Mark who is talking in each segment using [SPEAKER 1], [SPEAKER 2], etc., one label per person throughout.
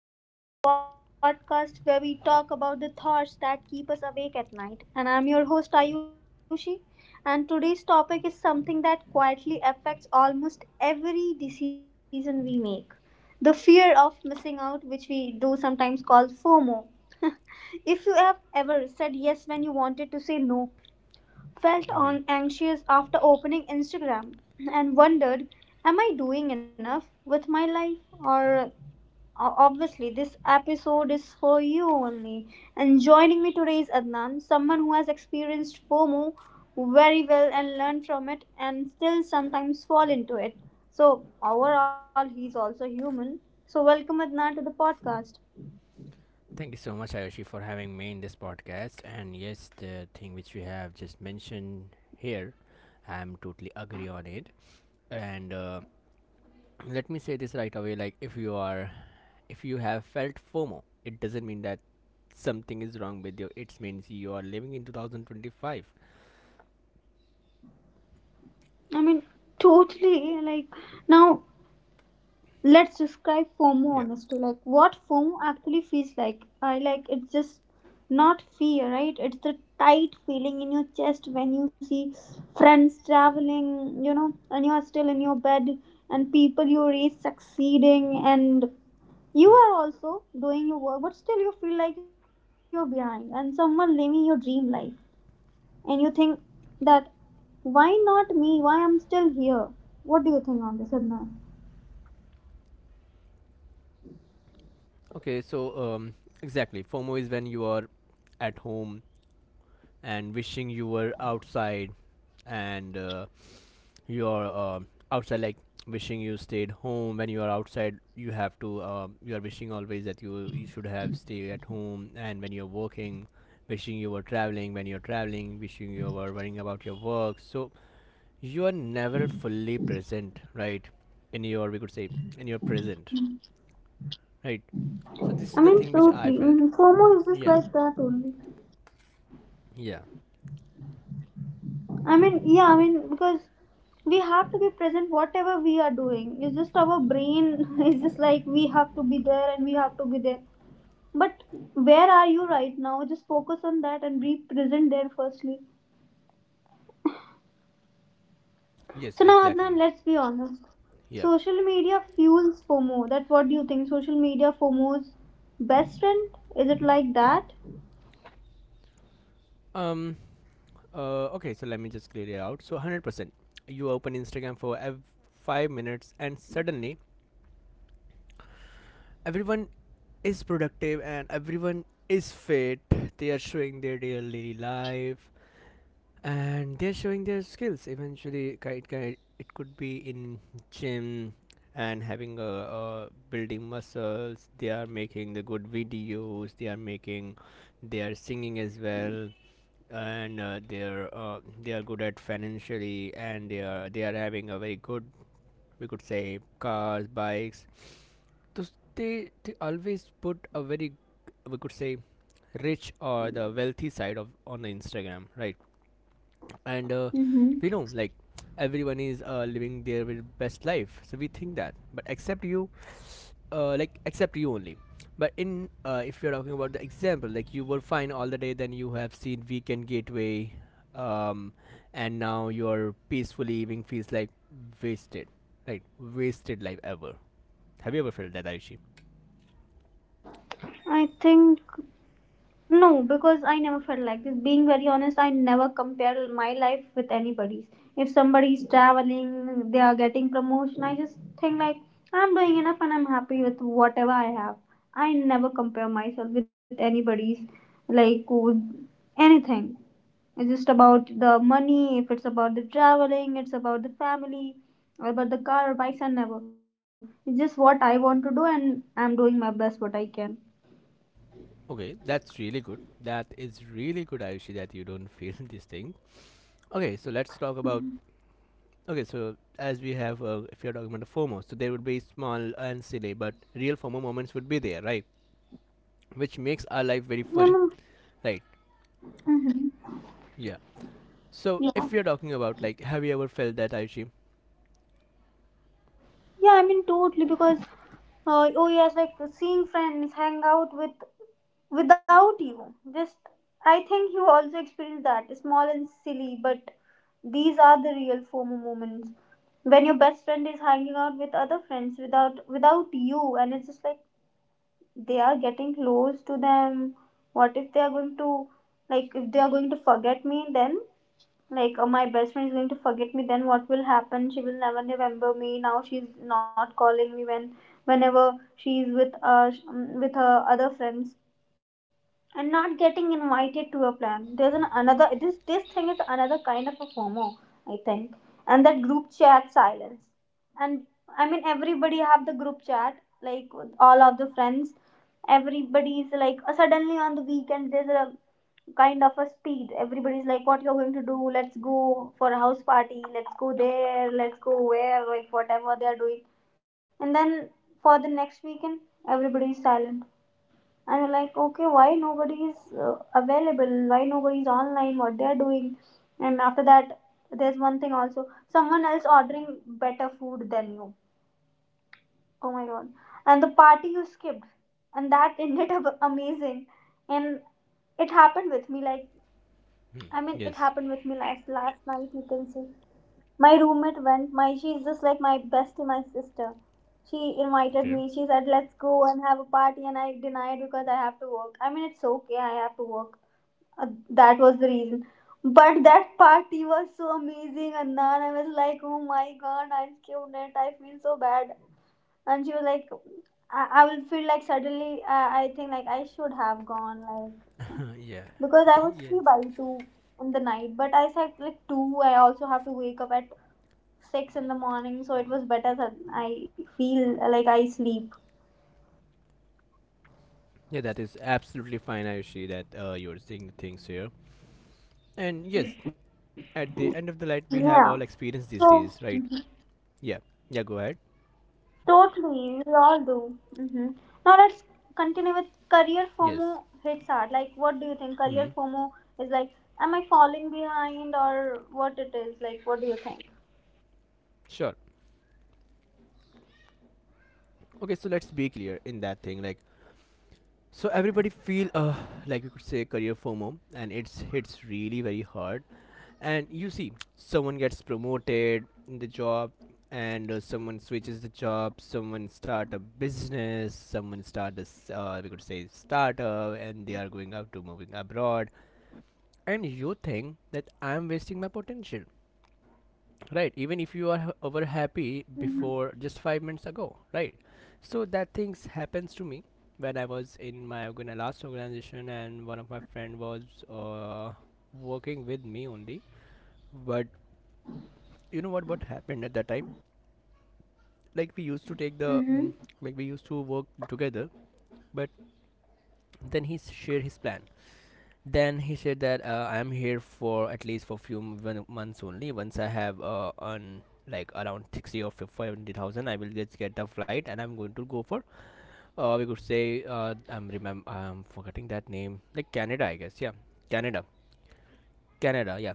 [SPEAKER 1] back to the podcast, where we talk about the thoughts that keep us awake at night. And I'm your host, Ayushi. And today's topic is something that quietly affects almost every decision we make, the fear of missing out, which we do sometimes call FOMO. If you have ever said yes when you wanted to say no, felt
[SPEAKER 2] hmm
[SPEAKER 1] on anxious after opening Instagram, and wondered, am I doing enough with my life? Or obviously, this episode is for you only. And joining me today is Adnan, someone who has experienced FOMO very well and learned from it and still sometimes fall into it. So overall, he's also human. So welcome Adnan to the podcast.
[SPEAKER 2] Thank you so much, Ayushi, for having me in this podcast. And yes, the thing which we have just mentioned here, I'm totally agree on it. And let me say this right away: like, if you have felt FOMO, it doesn't mean that something is wrong with you. It means you are living in 2025.
[SPEAKER 1] I mean, totally. Like, now let's describe FOMO
[SPEAKER 2] Yeah.
[SPEAKER 1] honestly, like what FOMO actually feels like. I like it's just not fear, right? It's the tight feeling in your chest when you see friends traveling, you know, and you are still in your bed, and people you race succeeding, and you
[SPEAKER 2] Hmm.
[SPEAKER 1] are also doing your work, but still you feel like you're behind, and someone living your dream life, and you think that why not me? Why I'm still here? What do you think on this, Adnan?
[SPEAKER 2] Okay. So, exactly, FOMO is when you are at home and wishing you were outside, and you are outside, like wishing you stayed home. When you are outside, you have to you are wishing always that you should have stayed at home. And when you're working, wishing you were traveling, when you're traveling, wishing you were worrying about your work. So you are never fully present, right, in your we could say in your present, right? So this is
[SPEAKER 1] I
[SPEAKER 2] the
[SPEAKER 1] mean,
[SPEAKER 2] thing which I
[SPEAKER 1] totally.
[SPEAKER 2] felt.
[SPEAKER 1] Mhm. FOMO is just
[SPEAKER 2] Yeah.
[SPEAKER 1] like that only.
[SPEAKER 2] Yeah.
[SPEAKER 1] I mean, yeah, I mean, because we have to be present whatever we are doing. It's just our brain is just like we have to be there and we have to be there. But where are you right now? Just focus on that and be present there firstly.
[SPEAKER 2] Yes,
[SPEAKER 1] So now, Adnan,
[SPEAKER 2] exactly.
[SPEAKER 1] let's be honest.
[SPEAKER 2] Yeah.
[SPEAKER 1] Social media fuels FOMO. That what do you think? Social media FOMO's best friend? Is it like that?
[SPEAKER 2] um okay, so let me just clear it out. So 100%. You open Instagram for 5 minutes and suddenly everyone is productive and everyone is fit. They are showing their daily life and they're showing their skills. Eventually, it could be in gym and having a building muscles. They are making the good videos. They are singing as well, and they are good at financially, and they are having a very good, we could say, cars, bikes. Those, they always put a very, we could say, rich or the wealthy side of on the Instagram, right? And
[SPEAKER 1] Mm-hmm.
[SPEAKER 2] we know, like everyone is living their very best life, so we think that, but except you, like, except you only. But in if you're talking about the example, like you were fine all the day, then you have seen weekend gateway, um, and now your peaceful evening feels like wasted, right? Wasted life ever. Have you ever felt that, Ayushi?
[SPEAKER 1] I think no, because I never felt like this. Being very honest, I never compare my life with anybody's. If somebody is traveling, they are getting promotion, I just think like I'm doing enough and I'm happy with whatever I have. I never compare myself with anybody's, like with anything. It's just about the money, if it's about the traveling, it's about the family, or about the car or bikes, and never. It's just what I want to do and I'm doing my best what I can.
[SPEAKER 2] Okay, that's really good, that is really good, Ayushi, that you don't feel this thing. Okay, so let's talk about, okay, so as we have, if you're talking about the FOMO, so there would be small and silly but real FOMO moments would be there, right, which makes our life very
[SPEAKER 1] You
[SPEAKER 2] funny,
[SPEAKER 1] know?
[SPEAKER 2] right?
[SPEAKER 1] Hmm.
[SPEAKER 2] Yeah. So
[SPEAKER 1] Yeah.
[SPEAKER 2] if we are talking about, like, have you ever felt that, Aishi?
[SPEAKER 1] Yeah, I mean totally because oh yes, like seeing friends hang out with without you. Just I think you also experience that small and silly, but these are the real FOMO moments when your best friend is hanging out with other friends without you, and it's just like they are getting close to them. What if they are going to, like if they are going to forget me? Then like oh, my best friend is going to forget me, then what will happen? She will never remember me. Now she's not calling me when whenever she's with with her other friends and not getting invited to a plan. There's an another, this thing is another kind of a FOMO, I think. And that group chat silence. And I mean everybody have the group chat, like with all of the friends. Everybody's like, suddenly on the weekend there's a kind of a speed. Everybody's like, what you're going to do? Let's go for a house party. Let's go there. Let's go where? Like whatever they're doing. And then for the next weekend, everybody's silent, and we're like, okay, why nobody is uh, available? Why nobody is online? What they are doing? And after that, there's one thing also, someone else ordering better food than you. Oh my god. And the party you skipped and that ended up amazing. And it happened with me, like,
[SPEAKER 2] Hmm.
[SPEAKER 1] I mean it
[SPEAKER 2] Yes.
[SPEAKER 1] happened with me last night, you can say. My roommate went. My, she's just like my bestie, my sister. She invited
[SPEAKER 2] Okay.
[SPEAKER 1] me. She said, "Let's go and have a party," and I denied because I have to work. I mean, it's okay, I have to work. Uh, that was the reason. But that party was so amazing, and then I was like, "Oh my god, I killed it. I feel so bad." And she was like, "I will feel like suddenly. I think like I should have gone like,
[SPEAKER 2] Huh, yeah.
[SPEAKER 1] because I was
[SPEAKER 2] Yes.
[SPEAKER 1] free by two in the night, but I said like two. I also have to wake up at six in the morning, so it was better that I feel like I sleep.
[SPEAKER 2] Yeah, that is absolutely fine, Ayushi, that you're seeing the things here. And yes, at the end of the light, we have
[SPEAKER 1] Yeah,
[SPEAKER 2] all experience these
[SPEAKER 1] so
[SPEAKER 2] days, right? Yeah. Yeah, go ahead.
[SPEAKER 1] totally, we all do. Hmm. Now let's continue with career
[SPEAKER 2] Yes.
[SPEAKER 1] FOMO hits hard. Like, what do you think?
[SPEAKER 2] Hmm.
[SPEAKER 1] Career FOMO is like, am I falling behind or what it is? Like, what do you think?
[SPEAKER 2] Sure. Okay, so let's be clear in that thing. Like, so everybody feel, like we could say, career FOMO, and it's hits really very hard. And you see someone gets promoted in the job, and someone switches the job, someone start a business, someone start this, we could say, startup, and they are going out to moving abroad. And you think that I am wasting my potential, right, even if you are over happy before
[SPEAKER 1] Mm-hmm.
[SPEAKER 2] just 5 minutes ago, right? So that things happens to me when I was in my last organization, and one of my friend was uh, working with me only. But you know what happened at that time. Like we used to take the mm,
[SPEAKER 1] Mm-hmm.
[SPEAKER 2] like we used to work together. But then he shared his plan. Then he said that I'm here for at least for few m- one- months only. Once I have on, like, around 60 or 50,000, I will just get a flight, and I'm going to go for, we could say, I'm forgetting that name, like Canada, I guess. Yeah, Canada. Canada, yeah.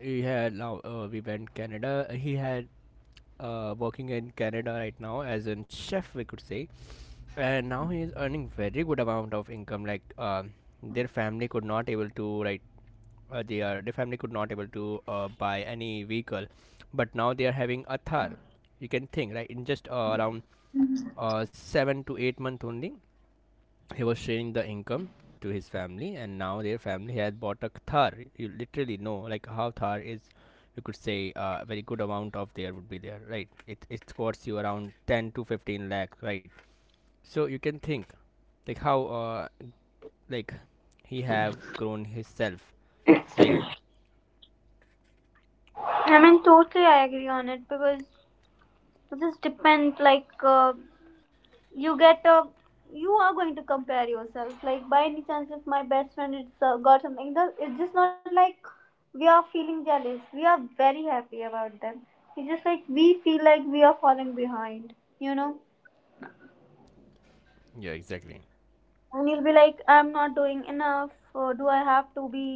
[SPEAKER 2] He had, now, we went Canada, he had, working in Canada right now as a chef, we could say. And now he is earning very good amount of income. Like their family could not able to, right, they are their family could not able to buy any vehicle, but now they are having a Thar. You can think, right, in just, around 7 to 8 month only, he was sharing the income to his family, and now their family has bought a Thar. You literally know, like, how Thar is. You could say a, very good amount of there would be there, right? It costs you around 10 to 15 lakh, right? So you can think, like how, uh, like, he have grown himself, right?
[SPEAKER 1] I mean, totally, I agree on it because it just depends. Like, you get a, you are going to compare yourself like, by any chance if my best friend it's got something, that it's just not like we are feeling jealous, we are very happy about them. It's just like we feel like we are falling behind, you know.
[SPEAKER 2] Yeah, exactly.
[SPEAKER 1] And you'll be like, I'm not doing enough, or do I have to be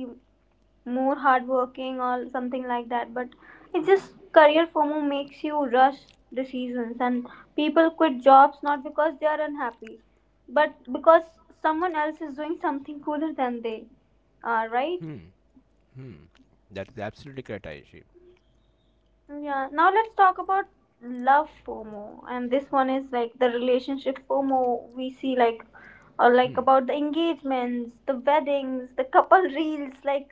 [SPEAKER 1] more hardworking or something like that. But it's just career FOMO makes you rush decisions, and people quit jobs not because they are unhappy, but because someone else is doing something cooler than they are, right?
[SPEAKER 2] Hmm. Hmm. That is absolutely correct, Ayushi.
[SPEAKER 1] Yeah, now let's talk about love FOMO, and this one is like the relationship FOMO we see, like, or like
[SPEAKER 2] Hmm.
[SPEAKER 1] about the engagements, the weddings, the couple reels, like,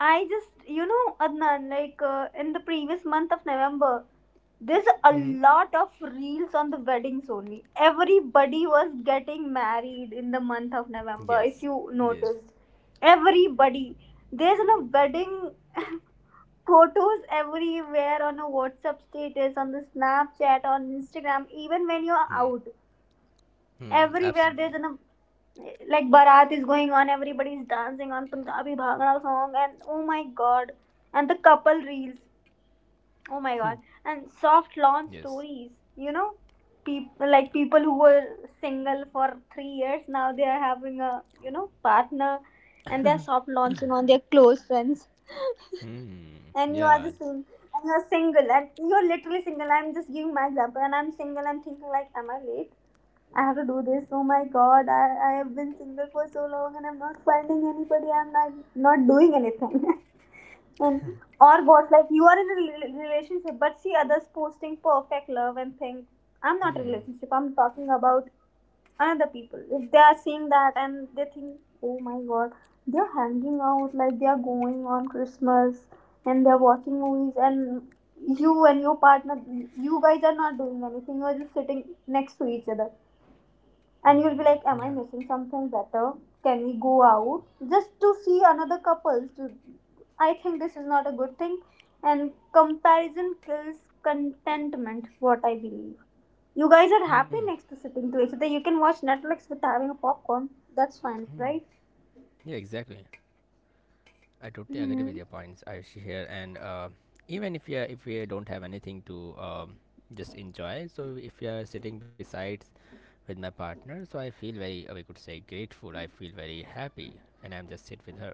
[SPEAKER 1] I just, you know, Adnan, like, in the previous month of November, there's a
[SPEAKER 2] Hmm. Hmm.
[SPEAKER 1] lot of reels on the weddings only. Everybody was getting married in the month of November, if
[SPEAKER 2] Yes.
[SPEAKER 1] you
[SPEAKER 2] Yes.
[SPEAKER 1] noticed. Everybody. There's a wedding photos everywhere, on a WhatsApp status, on the Snapchat, on Instagram, even when you're
[SPEAKER 2] Hmm.
[SPEAKER 1] out,
[SPEAKER 2] Hmm.
[SPEAKER 1] everywhere
[SPEAKER 2] Absolutely.
[SPEAKER 1] there's an, like, barat is going on, everybody's dancing on punjabi bhangra song, and oh my god, and the couple reels, oh my god, and soft launch
[SPEAKER 2] Yes.
[SPEAKER 1] stories, you know, people, like people who were single for 3 years now, they are having a, you know, partner, and they're soft launching on their close friends.
[SPEAKER 2] Hmm.
[SPEAKER 1] And you are
[SPEAKER 2] Yeah.
[SPEAKER 1] just sing, and you're single, and you're literally single. I'm just giving my example, and I'm single. I'm thinking like, am I late? I have to do this. Oh my god, I have been single for so long and I'm not finding anybody. I'm not, not doing anything. And or what's like, you are in a relationship but see others posting perfect love and things. I'm not in a
[SPEAKER 2] Hmm.
[SPEAKER 1] relationship, I'm talking about another people. If they are seeing that and they think, oh my god, they're hanging out, like they are going on Christmas and they're watching movies, and you and your partner, you guys are not doing anything. You're just sitting next to each other. And you'll be like, am
[SPEAKER 2] Yeah.
[SPEAKER 1] I missing something better? Can we go out just to see another couples, to I think this is not a good thing, and comparison kills contentment, what I believe. You guys are
[SPEAKER 2] Hmm.
[SPEAKER 1] happy next to sitting to each other, you can watch Netflix with having a popcorn. That's fine, right?
[SPEAKER 2] Yeah. Exactly. I totally agree with
[SPEAKER 1] Mm-hmm.
[SPEAKER 2] your points, Ayushi here. And even if if we don't have anything to, um, just enjoy, so if you are sitting besides with my partner, so I feel very, we could say, grateful. I feel very happy, and I'm just sit with her.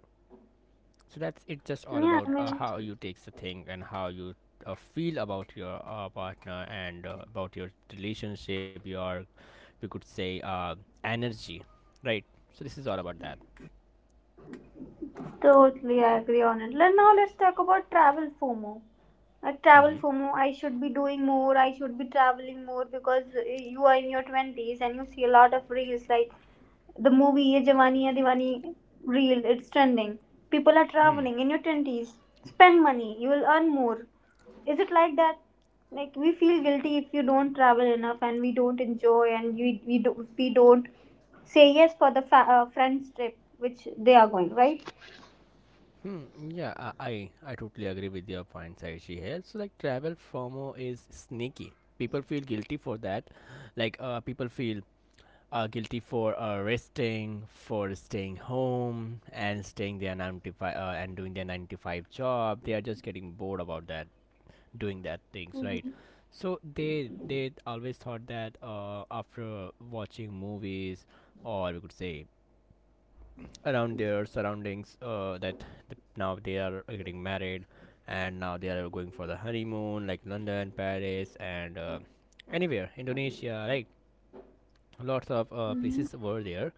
[SPEAKER 2] So that's it. Just all
[SPEAKER 1] Yeah, I
[SPEAKER 2] about
[SPEAKER 1] mean,
[SPEAKER 2] how you takes the thing, and how you feel about your partner, and about your relationship. Your, we could say, energy, right? So this is all about that.
[SPEAKER 1] totally I agree on it. Now let's talk about travel FOMO. Like travel
[SPEAKER 2] Hmm.
[SPEAKER 1] FOMO, I should be doing more, I should be traveling more because you are in your 20s and you see a lot of reels like the movie Ye Jawani Hai Diwani reel, it's trending. People are
[SPEAKER 2] Hmm.
[SPEAKER 1] traveling in your 20s. Spend money, you will earn more. Is it like that? Like we feel guilty if you don't travel enough and we don't enjoy and we don't say yes for the friends trip which they are going, right?
[SPEAKER 2] Hmm. Yeah, I, I totally agree with your point, Saishi here. So, like, travel FOMO is sneaky. People feel guilty for that. Like, people feel guilty for resting, for staying home, and staying their 9 to 5, and doing their 9 to 5 job. They are just getting bored about that, doing that things, right? So they always thought that after watching movies, or we could say around their surroundings, that now they are getting married, and now they are going for the honeymoon, like London, Paris, and anywhere, Indonesia, right? Lots of places were there.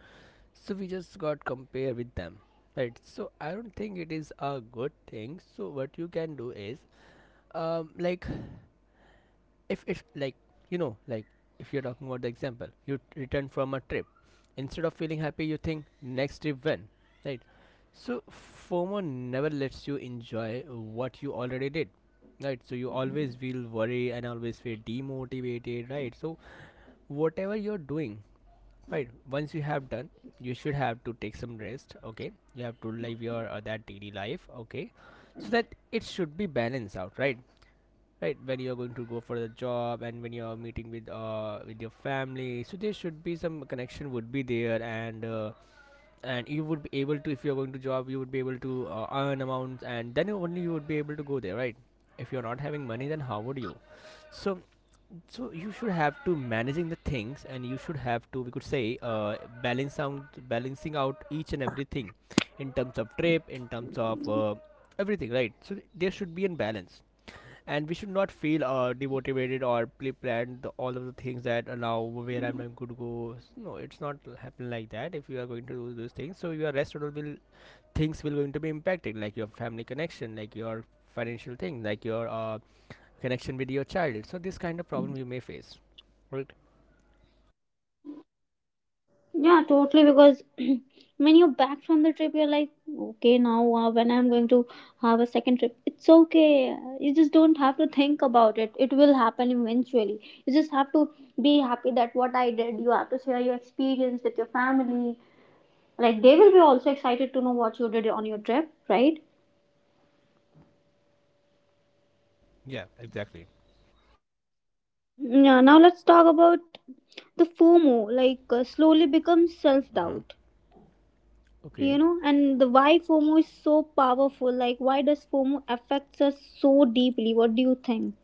[SPEAKER 2] So we just got compare with them, right? So I don't think it is a good thing. So what you can do is, like, if it's like, like, if you're talking about the example, you return from a trip, instead of feeling happy you think next trip when, right? So FOMO never lets you enjoy what you already did, right? So you always feel worry and always feel demotivated, right? So whatever you're doing, right, once you have done, you should have to take some rest, okay? You have to live your, that daily life, okay? So that it should be balanced out, right. Right, when you're going to go for the job, and when you're meeting with your family, so there should be some connection would be there. And you would be able to, if you're going to job, you would be able to earn amounts, and then only you would be able to go there, right? If you're not having money, then how would you? So so you should have to managing the things, and you should have to, we could say, balance out, balancing out each and everything, in terms of trip, in terms of everything, right? So there should be a balance, and we should not feel, demotivated or pre-planned the, all of the things that, now where I'm not going to go. No, it's not happen like that. If you are going to do those things, so your rest will, things will going to be impacted, like your family connection, like your financial thing, like your connection with your child. So this kind of problem you may face, right?
[SPEAKER 1] Yeah, totally. Because when you're back from the trip, you're like, okay, now when I'm going to have a second trip, it's okay. You just don't have to think about it. It will happen eventually. You just have to be happy that what I did. You have to share your experience with your family. Like they will be also excited to know what you did on your trip, right?
[SPEAKER 2] Yeah, exactly.
[SPEAKER 1] Yeah. Now let's talk about the FOMO. Like, slowly becomes self
[SPEAKER 2] Uh huh.
[SPEAKER 1] doubt.
[SPEAKER 2] Okay.
[SPEAKER 1] And the why FOMO is so powerful? Like why does FOMO affects us so deeply? What do you think?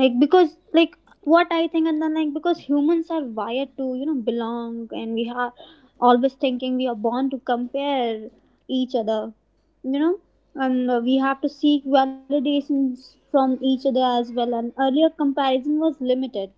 [SPEAKER 1] Like because like what I think, and then like because humans are wired to, you know, belong, and we are always thinking, we are born to compare each other, you know. And we have to seek validations from each other as well. And earlier comparison was limited,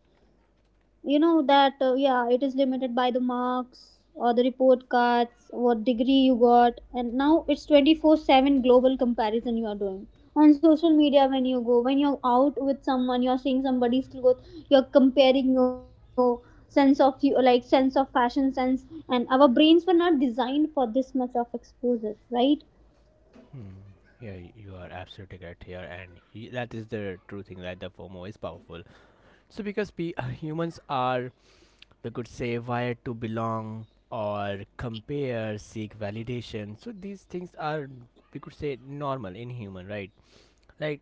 [SPEAKER 1] you know, that yeah, it is limited by the marks or the report cards, what degree you got. And now it's 24/7 global comparison you are doing on social media. When you go, when you're out with someone, you're seeing somebody's clothes, you're comparing your sense of you, like sense of fashion sense. And our brains were not designed for this much of exposure, right?
[SPEAKER 2] Hmm. Yeah, you are absolutely correct here, and he, that is the true thing that the FOMO is powerful. So because we, humans are, we could say where to belong or compare, seek validation, so these things are, we could say normal in human, right? Like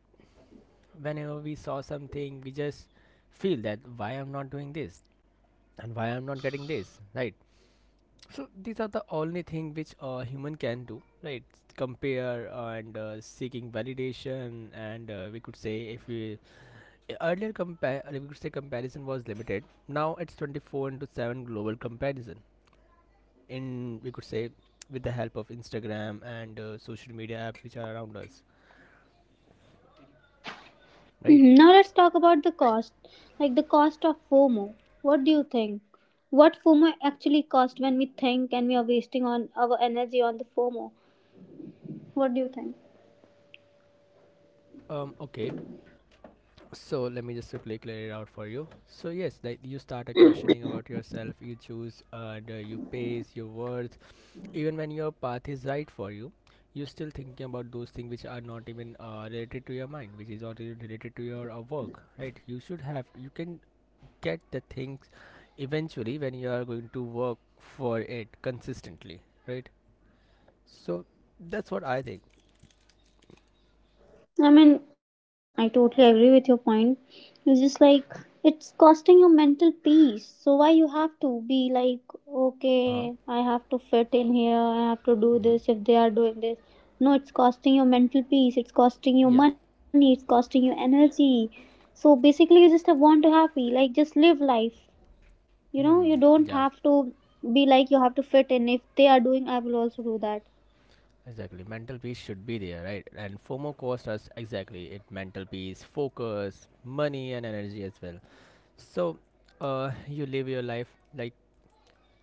[SPEAKER 2] whenever we saw something, we just feel that why I'm not doing this and why I'm not getting this, right? So these are the only thing which a human can do, right? Compare and seeking validation. And we could say, if we earlier compare, we could say comparison was limited. Now it's 24/7 global comparison in, we could say, with the help of Instagram and social media apps which are around us, right?
[SPEAKER 1] Mhm. Now let's talk about the cost, like the cost of FOMO. What do you think? What FOMO actually cost when we think and we are wasting on our energy on the FOMO? What do you think?
[SPEAKER 2] Okay, so let me just quickly clear it out for you. So yes, like, you start a questioning about yourself, you choose, and you pace your worth even when your path is right for you. You're still thinking about those things which are not even related to your mind, which is not even related to your work, right? You should have, you can get the things eventually when you are going to work for it consistently, right? So that's what I think.
[SPEAKER 1] I mean, I totally agree with your point. It's just like it's costing your mental peace. So why you have to be like, okay,
[SPEAKER 2] Uh,
[SPEAKER 1] I have to fit in here, I have to do
[SPEAKER 2] hmm.
[SPEAKER 1] this if they are doing this. No, it's costing your mental peace, it's costing your
[SPEAKER 2] Yeah.
[SPEAKER 1] money, it's costing your energy. So basically, you just want to happy, like just live life. You
[SPEAKER 2] Hmm.
[SPEAKER 1] know, you don't
[SPEAKER 2] Yeah.
[SPEAKER 1] have to be like you have to fit in, if they are doing, I will also do that.
[SPEAKER 2] Exactly. Mental peace should be there, right? And FOMO cost us exactly it mental peace, focus, money, and energy as well. So, you live your life, like,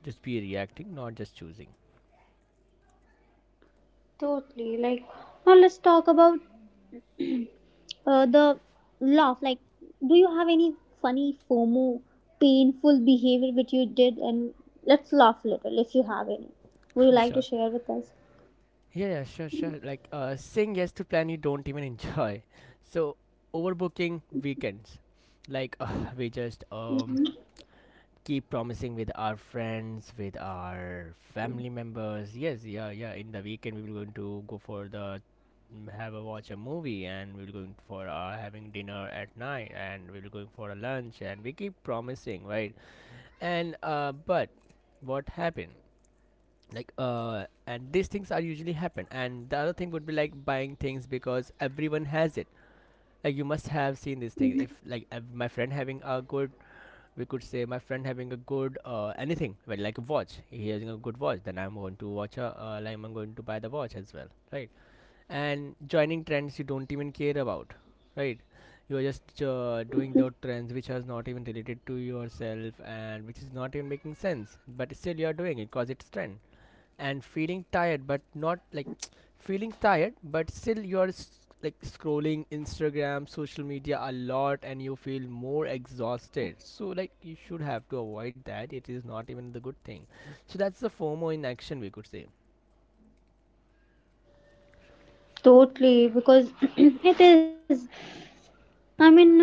[SPEAKER 2] just be reacting, not just choosing.
[SPEAKER 1] Totally. Like now, let's talk about the laugh. Like do you have any funny FOMO painful behavior which you did? And let's laugh a little, if you have any, would you like to
[SPEAKER 2] Sure.
[SPEAKER 1] share with us?
[SPEAKER 2] Yeah, yeah, sure, sure. Like, saying yes to plan you don't even enjoy. So overbooking weekends, like, we just keep promising with our friends, with our family members. Yes, yeah, yeah. In the weekend, we will going to go for the, mm, have a watch a movie, and we will going for having dinner at night, and we will going for a lunch, and we keep promising, right? And but what happened? Like, and these things are usually happen. And the other thing would be like buying things because everyone has it. Like, you must have seen this thing. If
[SPEAKER 1] Mhm.
[SPEAKER 2] like, my friend having a good we could say my friend having a good anything, well, like a watch, he having a good watch, then I'm going to watch a like I'm going to buy the watch as well, right? And joining trends you don't even care about, right? You are just doing those trends which are not even related to yourself and which is not even making sense, but still you are doing it because it's trend. And feeling tired, but not like, feeling tired but still you are like scrolling Instagram, social media a lot, and you feel more exhausted. So like you should have to avoid that, it is not even the good thing. So that's the FOMO in action, we could say.
[SPEAKER 1] Totally, because it is, I mean,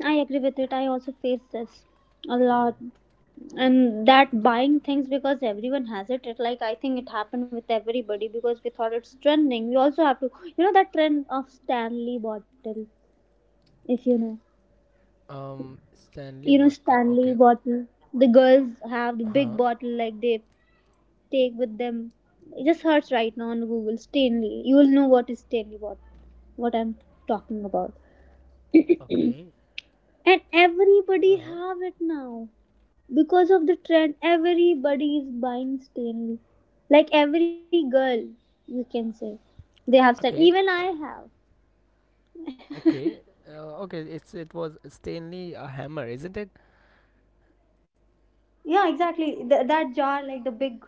[SPEAKER 1] I agree with it, I also face this a lot. And that buying things because everyone has it, it, like, I think it happened with everybody, because we thought it's trending, we also have to, you know, that trend of Stanley bottle. If you know,
[SPEAKER 2] Stanley
[SPEAKER 1] you know
[SPEAKER 2] what? Then
[SPEAKER 1] Stanley
[SPEAKER 2] okay.
[SPEAKER 1] bottle, the girls have the big
[SPEAKER 2] Uh-huh.
[SPEAKER 1] bottle, like they take with them. Just search right now on Google, Stanley, you will know what is Stanley bottle, what I'm talking about.
[SPEAKER 2] Okay.
[SPEAKER 1] And everybody
[SPEAKER 2] Uh-huh.
[SPEAKER 1] have it now, because of the trend everybody is buying Stanley, like every girl, you can say, they have Stanley. Even
[SPEAKER 2] Okay.
[SPEAKER 1] I have.
[SPEAKER 2] Okay, okay, it's, it was Stanley a hammer, isn't it?
[SPEAKER 1] Yeah, exactly. That jar, like the big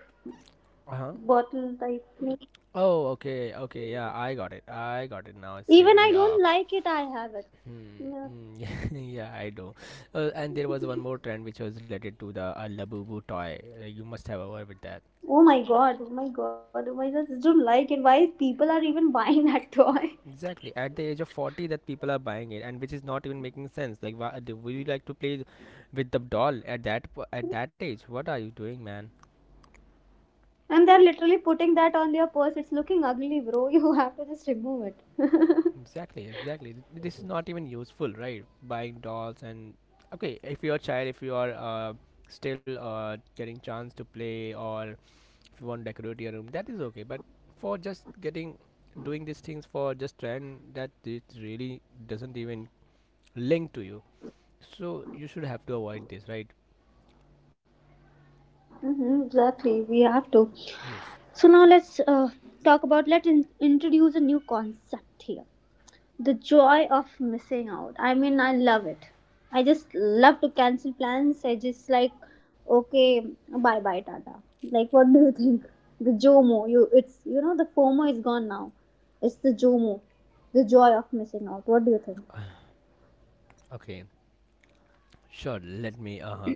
[SPEAKER 2] Uh-huh.
[SPEAKER 1] bottle type thing.
[SPEAKER 2] Oh, okay, okay, yeah, I got it, I got it now.
[SPEAKER 1] Even I
[SPEAKER 2] Stanley, uh.
[SPEAKER 1] don't like it, I have it.
[SPEAKER 2] Hmm,
[SPEAKER 1] Yeah.
[SPEAKER 2] mm, yeah, yeah, I do. And there was one more trend which was related to the Labubu toy. You must have heard with that.
[SPEAKER 1] Oh my god, oh my god, oh my god, I just don't like it. Why people are even buying that toy?
[SPEAKER 2] Exactly. At the age of 40 that people are buying it, and which is not even making sense. Like, why do would you like to play with the doll at that at that age? What are you doing, man?
[SPEAKER 1] And they're literally putting that on their purse. It's looking ugly, bro. You have to just remove it.
[SPEAKER 2] Exactly, exactly. This is not even useful, right? Buying dolls and, okay, if you're a child, if you are still getting chance to play, or if you want to decorate your room, that is okay. But for just getting, doing these things for just trend, that it really doesn't even link to you. So you should have to avoid this, right?
[SPEAKER 1] Hmm, exactly, we have to.
[SPEAKER 2] Yes.
[SPEAKER 1] So now let's talk about, let's introduce a new concept here. The joy of missing out. I mean, I love it. I just love to cancel plans. I just like, okay, bye bye, Tata. Like, what do you think? The JOMO, you, it's, you know, the FOMO is gone now. It's the JOMO, the joy of missing out. What do you think?
[SPEAKER 2] Okay. Sure. Let me. Uh huh.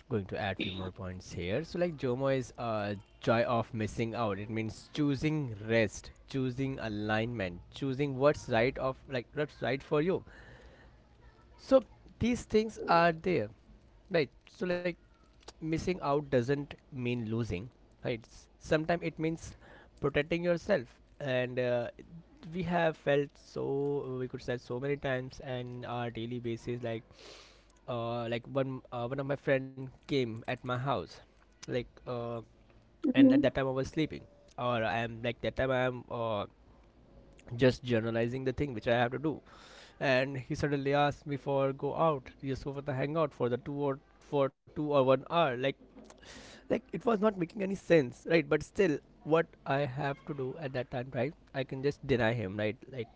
[SPEAKER 2] Going to add few more points here. So like, JOMO is joy of missing out. It means choosing rest, choosing alignment, choosing what's right of, like, what's right for you. So these things are there, right? So like, missing out doesn't mean losing, right? Sometimes it means protecting yourself. And we have felt, so we could say, so many times and our daily basis. Like, one of my friend came at my house, like, and at that time I was sleeping, or I am, like, that time I am just generalizing the thing which I have to do, and he suddenly asked me for go out, just go for the hangout for the two, or for 2 or 1 hour, like, it was not making any sense, right? But still, what I have to do at that time, right? I can just deny him, right? Like,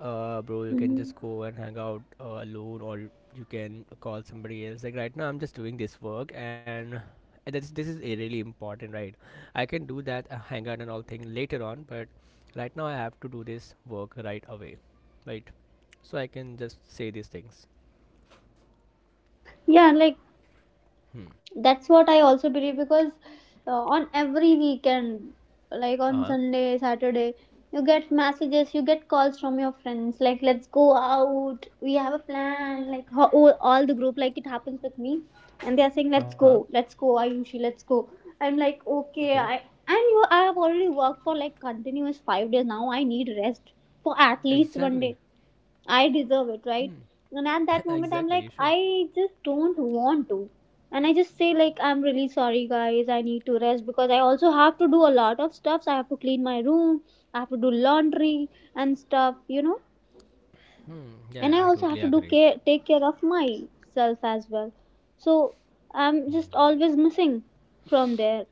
[SPEAKER 2] uh, bro, you can
[SPEAKER 1] Mm-hmm.
[SPEAKER 2] just go
[SPEAKER 1] Mm-hmm.
[SPEAKER 2] and hang out alone, or you can call somebody else. Like, right now I'm just doing this work, and this is a really important, right? I can do that, hang out and all thing later on, but right now I have to do this work right away, right? So I can just say these things.
[SPEAKER 1] Yeah, like that's what I also believe, because on every weekend, like on
[SPEAKER 2] Uh-huh.
[SPEAKER 1] Sunday, Saturday, you get messages, you get calls from your friends, like let's go out, we have a plan, like all the group, like it happens with me, and they are saying, let's
[SPEAKER 2] Uh-huh.
[SPEAKER 1] go, let's go, Ayushi, let's go. I'm like, okay,
[SPEAKER 2] Okay.
[SPEAKER 1] I and you I have already worked for like continuous 5 days, now I need rest for at least one
[SPEAKER 2] Exactly.
[SPEAKER 1] day. I deserve it, right?
[SPEAKER 2] Hmm.
[SPEAKER 1] And at that moment, I'm
[SPEAKER 2] Exactly,
[SPEAKER 1] like,
[SPEAKER 2] you should.
[SPEAKER 1] I just don't want to. And I just say, like, I'm really sorry, guys, I need to rest, because I also have to do a lot of stuff. So I have to clean my room, I have to do laundry and stuff, you know.
[SPEAKER 2] Hmm.
[SPEAKER 1] And I
[SPEAKER 2] Yeah, I
[SPEAKER 1] also have
[SPEAKER 2] totally
[SPEAKER 1] to do
[SPEAKER 2] agree.
[SPEAKER 1] care, take care of myself as well. So I'm just always missing from there.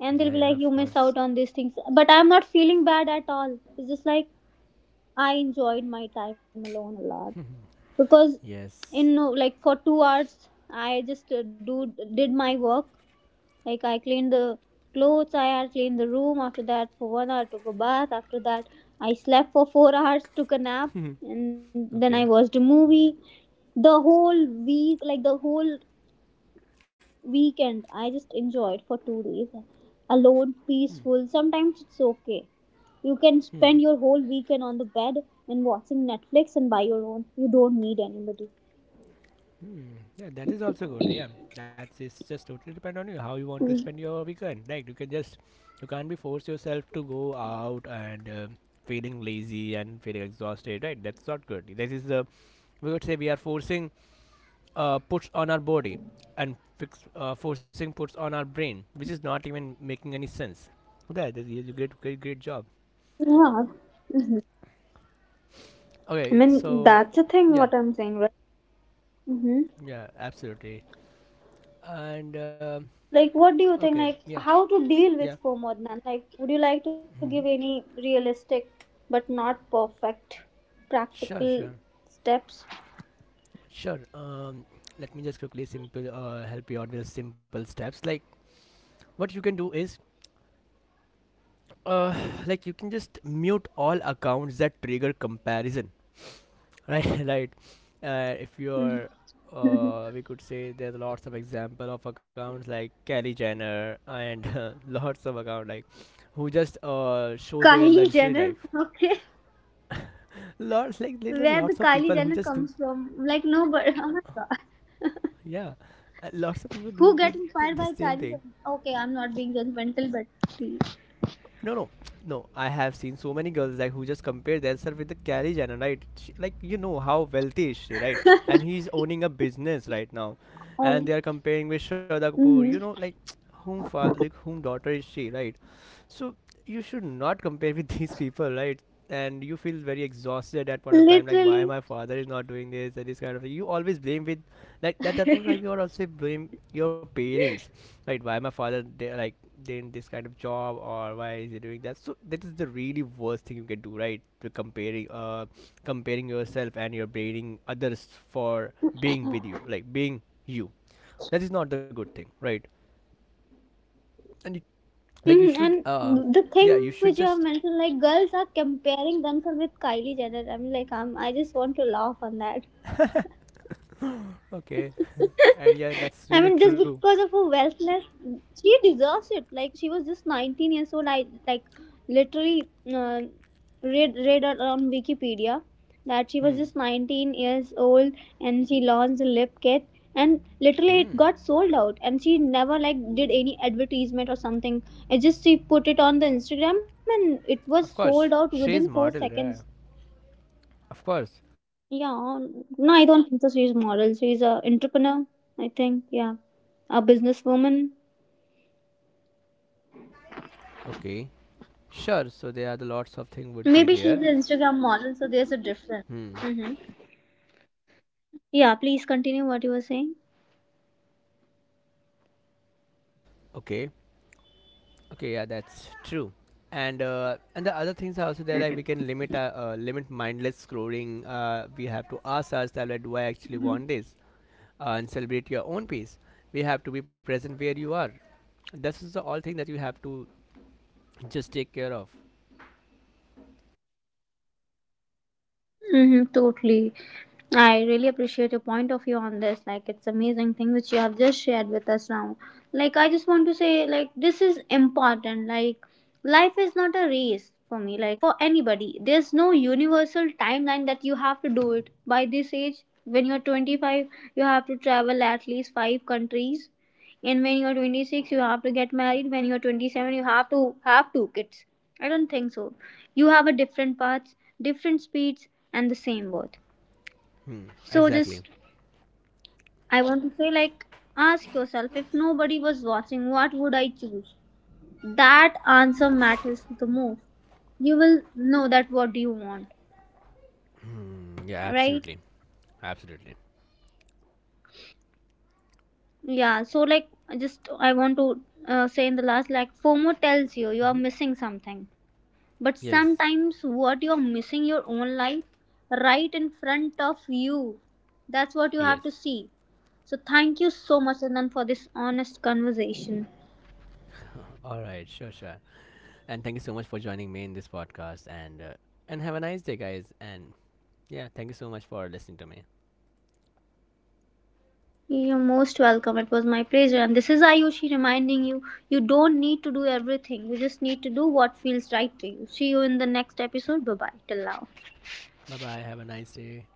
[SPEAKER 1] And they'll
[SPEAKER 2] Yeah,
[SPEAKER 1] be
[SPEAKER 2] yeah,
[SPEAKER 1] like, you
[SPEAKER 2] of
[SPEAKER 1] miss
[SPEAKER 2] course.
[SPEAKER 1] out on these things. But I'm not feeling bad at all. It's just like, I enjoyed my time alone a lot, because
[SPEAKER 2] Yes.
[SPEAKER 1] in like for 2 hours I just do did my work, like I cleaned the clothes, I had cleaned the room. After that, for 1 hour I took a bath. After that, I slept for 4 hours, took a nap, and then I
[SPEAKER 2] Okay.
[SPEAKER 1] watched a movie. The whole weekend I just enjoyed for 2 days alone,
[SPEAKER 2] Hmm.
[SPEAKER 1] peaceful. Sometimes it's okay, you can
[SPEAKER 2] Hmm.
[SPEAKER 1] spend your whole weekend on the bed and watching Netflix, and by your own, you don't need anybody.
[SPEAKER 2] Hmm. Yeah, that is also good. Yeah, that's, it's just totally depend on you how you want to spend your weekend. Like, you can just, you can't be force yourself to go out and feeling lazy and feeling exhausted, right? That's not good. This is the, we would say, we are forcing puts on our body, and fix forcing puts on our brain, which is not even making any sense. That you, you, great, great, great job.
[SPEAKER 1] Yeah. Hmm. I
[SPEAKER 2] Okay,
[SPEAKER 1] mean,
[SPEAKER 2] so,
[SPEAKER 1] that's the thing
[SPEAKER 2] yeah,
[SPEAKER 1] what I'm saying, right? Hmm.
[SPEAKER 2] yeah, absolutely. And
[SPEAKER 1] Like, what do you
[SPEAKER 2] okay,
[SPEAKER 1] think? Like,
[SPEAKER 2] yeah,
[SPEAKER 1] how to deal
[SPEAKER 2] yeah.
[SPEAKER 1] with FOMO, Adnan? Like, would you like to give
[SPEAKER 2] Hmm.
[SPEAKER 1] any realistic, but not perfect,
[SPEAKER 2] Sure,
[SPEAKER 1] practical
[SPEAKER 2] sure.
[SPEAKER 1] steps?
[SPEAKER 2] Sure. Let me just quickly simple, help you out with simple steps. Like, what you can do is, uh, like, you can just mute all accounts that trigger comparison. Right, right. If you're,
[SPEAKER 1] Mhm.
[SPEAKER 2] we could say, there's lots of example of accounts like Kylie Jenner and lots of account like, who just show their
[SPEAKER 1] Kylie
[SPEAKER 2] luxury
[SPEAKER 1] Jenner.
[SPEAKER 2] life.
[SPEAKER 1] Okay.
[SPEAKER 2] Lots, like, little,
[SPEAKER 1] Where the
[SPEAKER 2] lots of
[SPEAKER 1] Kylie
[SPEAKER 2] people who
[SPEAKER 1] Jenner
[SPEAKER 2] just do,
[SPEAKER 1] comes from? Like, no, but oh my god.
[SPEAKER 2] yeah, lots of people do
[SPEAKER 1] Who get
[SPEAKER 2] the
[SPEAKER 1] inspired by
[SPEAKER 2] same thing.
[SPEAKER 1] Kylie Jenner? Okay, I'm not being judgmental, but please.
[SPEAKER 2] No, no, no. I have seen so many girls like who just compare themselves with the Kylie Jenner, right? She, like, you know how wealthy is she, right? And he's owning a business right now, and
[SPEAKER 1] Um,
[SPEAKER 2] they are comparing with Shraddha Kapoor. You know,
[SPEAKER 1] mhm.
[SPEAKER 2] like, like whom daughter is she, right? So you should not compare with these people, right? And you feel very exhausted at point of time, like, why
[SPEAKER 1] Literally.
[SPEAKER 2] my father is not doing this and this kind of thing. You always blame with like that. That would, like, you are also blame your parents, right? Why my father, they like doing this kind of job, or why is he doing that? So that is the really worst thing you can do, right? To comparing, comparing yourself and you're blaming others for being with you, like being you. That is not the good thing, right? And you, like you
[SPEAKER 1] Mm,
[SPEAKER 2] should,
[SPEAKER 1] and the thing
[SPEAKER 2] yeah, you
[SPEAKER 1] which you have
[SPEAKER 2] should just,
[SPEAKER 1] mentioned, like girls are comparing themselves with Kylie Jenner. I'm like, I'm, I just want to laugh on that.
[SPEAKER 2] okay. And yeah, that's
[SPEAKER 1] I
[SPEAKER 2] really
[SPEAKER 1] mean, just
[SPEAKER 2] true.
[SPEAKER 1] because of her wealthness, she deserves it. Like she was just 19 years old. I like literally read it on Wikipedia that she was
[SPEAKER 2] Hmm.
[SPEAKER 1] just 19 years old and she launched a lip kit, and literally
[SPEAKER 2] Hmm.
[SPEAKER 1] it got sold out, and she never like did any advertisement or something. It just she put it on the Instagram and it was
[SPEAKER 2] Of
[SPEAKER 1] sold
[SPEAKER 2] course,
[SPEAKER 1] out within
[SPEAKER 2] she's
[SPEAKER 1] four
[SPEAKER 2] model,
[SPEAKER 1] seconds.
[SPEAKER 2] yeah. Of course.
[SPEAKER 1] Yeah, no, I don't think so. She's moral. She's a entrepreneur. I think, yeah, a businesswoman.
[SPEAKER 2] Okay. Sure, so there are the lots of things would be
[SPEAKER 1] Maybe she's
[SPEAKER 2] there.
[SPEAKER 1] an Instagram model, so there's a difference.
[SPEAKER 2] Hmm.
[SPEAKER 1] Mm-hmm. Yeah, please continue what you were saying.
[SPEAKER 2] Okay. Okay, yeah, that's true. And and the other things are also there, like, we can limit limit mindless scrolling. We have to ask ourselves like, do I actually want this? And celebrate your own peace. We have to be present where you are. This is the all thing that you have to just take care of.
[SPEAKER 1] Mm-hmm, totally. I really appreciate your point of view on this. Like, it's amazing thing which you have just shared with us now. Like, I just want to say, like, this is important. Like, life is not a race for me. Like, for anybody, there's no universal timeline that you have to do it by this age. When you're 25, you have to travel at least 5 countries, and when you're 26, you have to get married. When you're 27, you have to have 2 kids. I don't think so. You have a different paths, different speeds, and the same worth.
[SPEAKER 2] Hmm.
[SPEAKER 1] So
[SPEAKER 2] Exactly.
[SPEAKER 1] just I want to say like, ask yourself, if nobody was watching, what would I choose? That answer matters the most. You will know that what do you want,
[SPEAKER 2] Mm, yeah.
[SPEAKER 1] right?
[SPEAKER 2] Absolutely. Absolutely.
[SPEAKER 1] Yeah, so like just I want to say in the last, like FOMO tells you you are missing something. But
[SPEAKER 2] Yes,
[SPEAKER 1] sometimes what you're missing, your own life, right in front of you. That's what you have
[SPEAKER 2] yes.
[SPEAKER 1] to see. So thank you so much, Anand, for this honest conversation.
[SPEAKER 2] All right, sure, sure. And thank you so much for joining me in this podcast. And have a nice day, guys. And yeah, thank you so much for listening to me.
[SPEAKER 1] You're most welcome. It was my pleasure. And this is Ayushi reminding you, you don't need to do everything, you just need to do what feels right to you. See you in the next episode. Bye bye. Till now.
[SPEAKER 2] Bye bye. Have a nice day.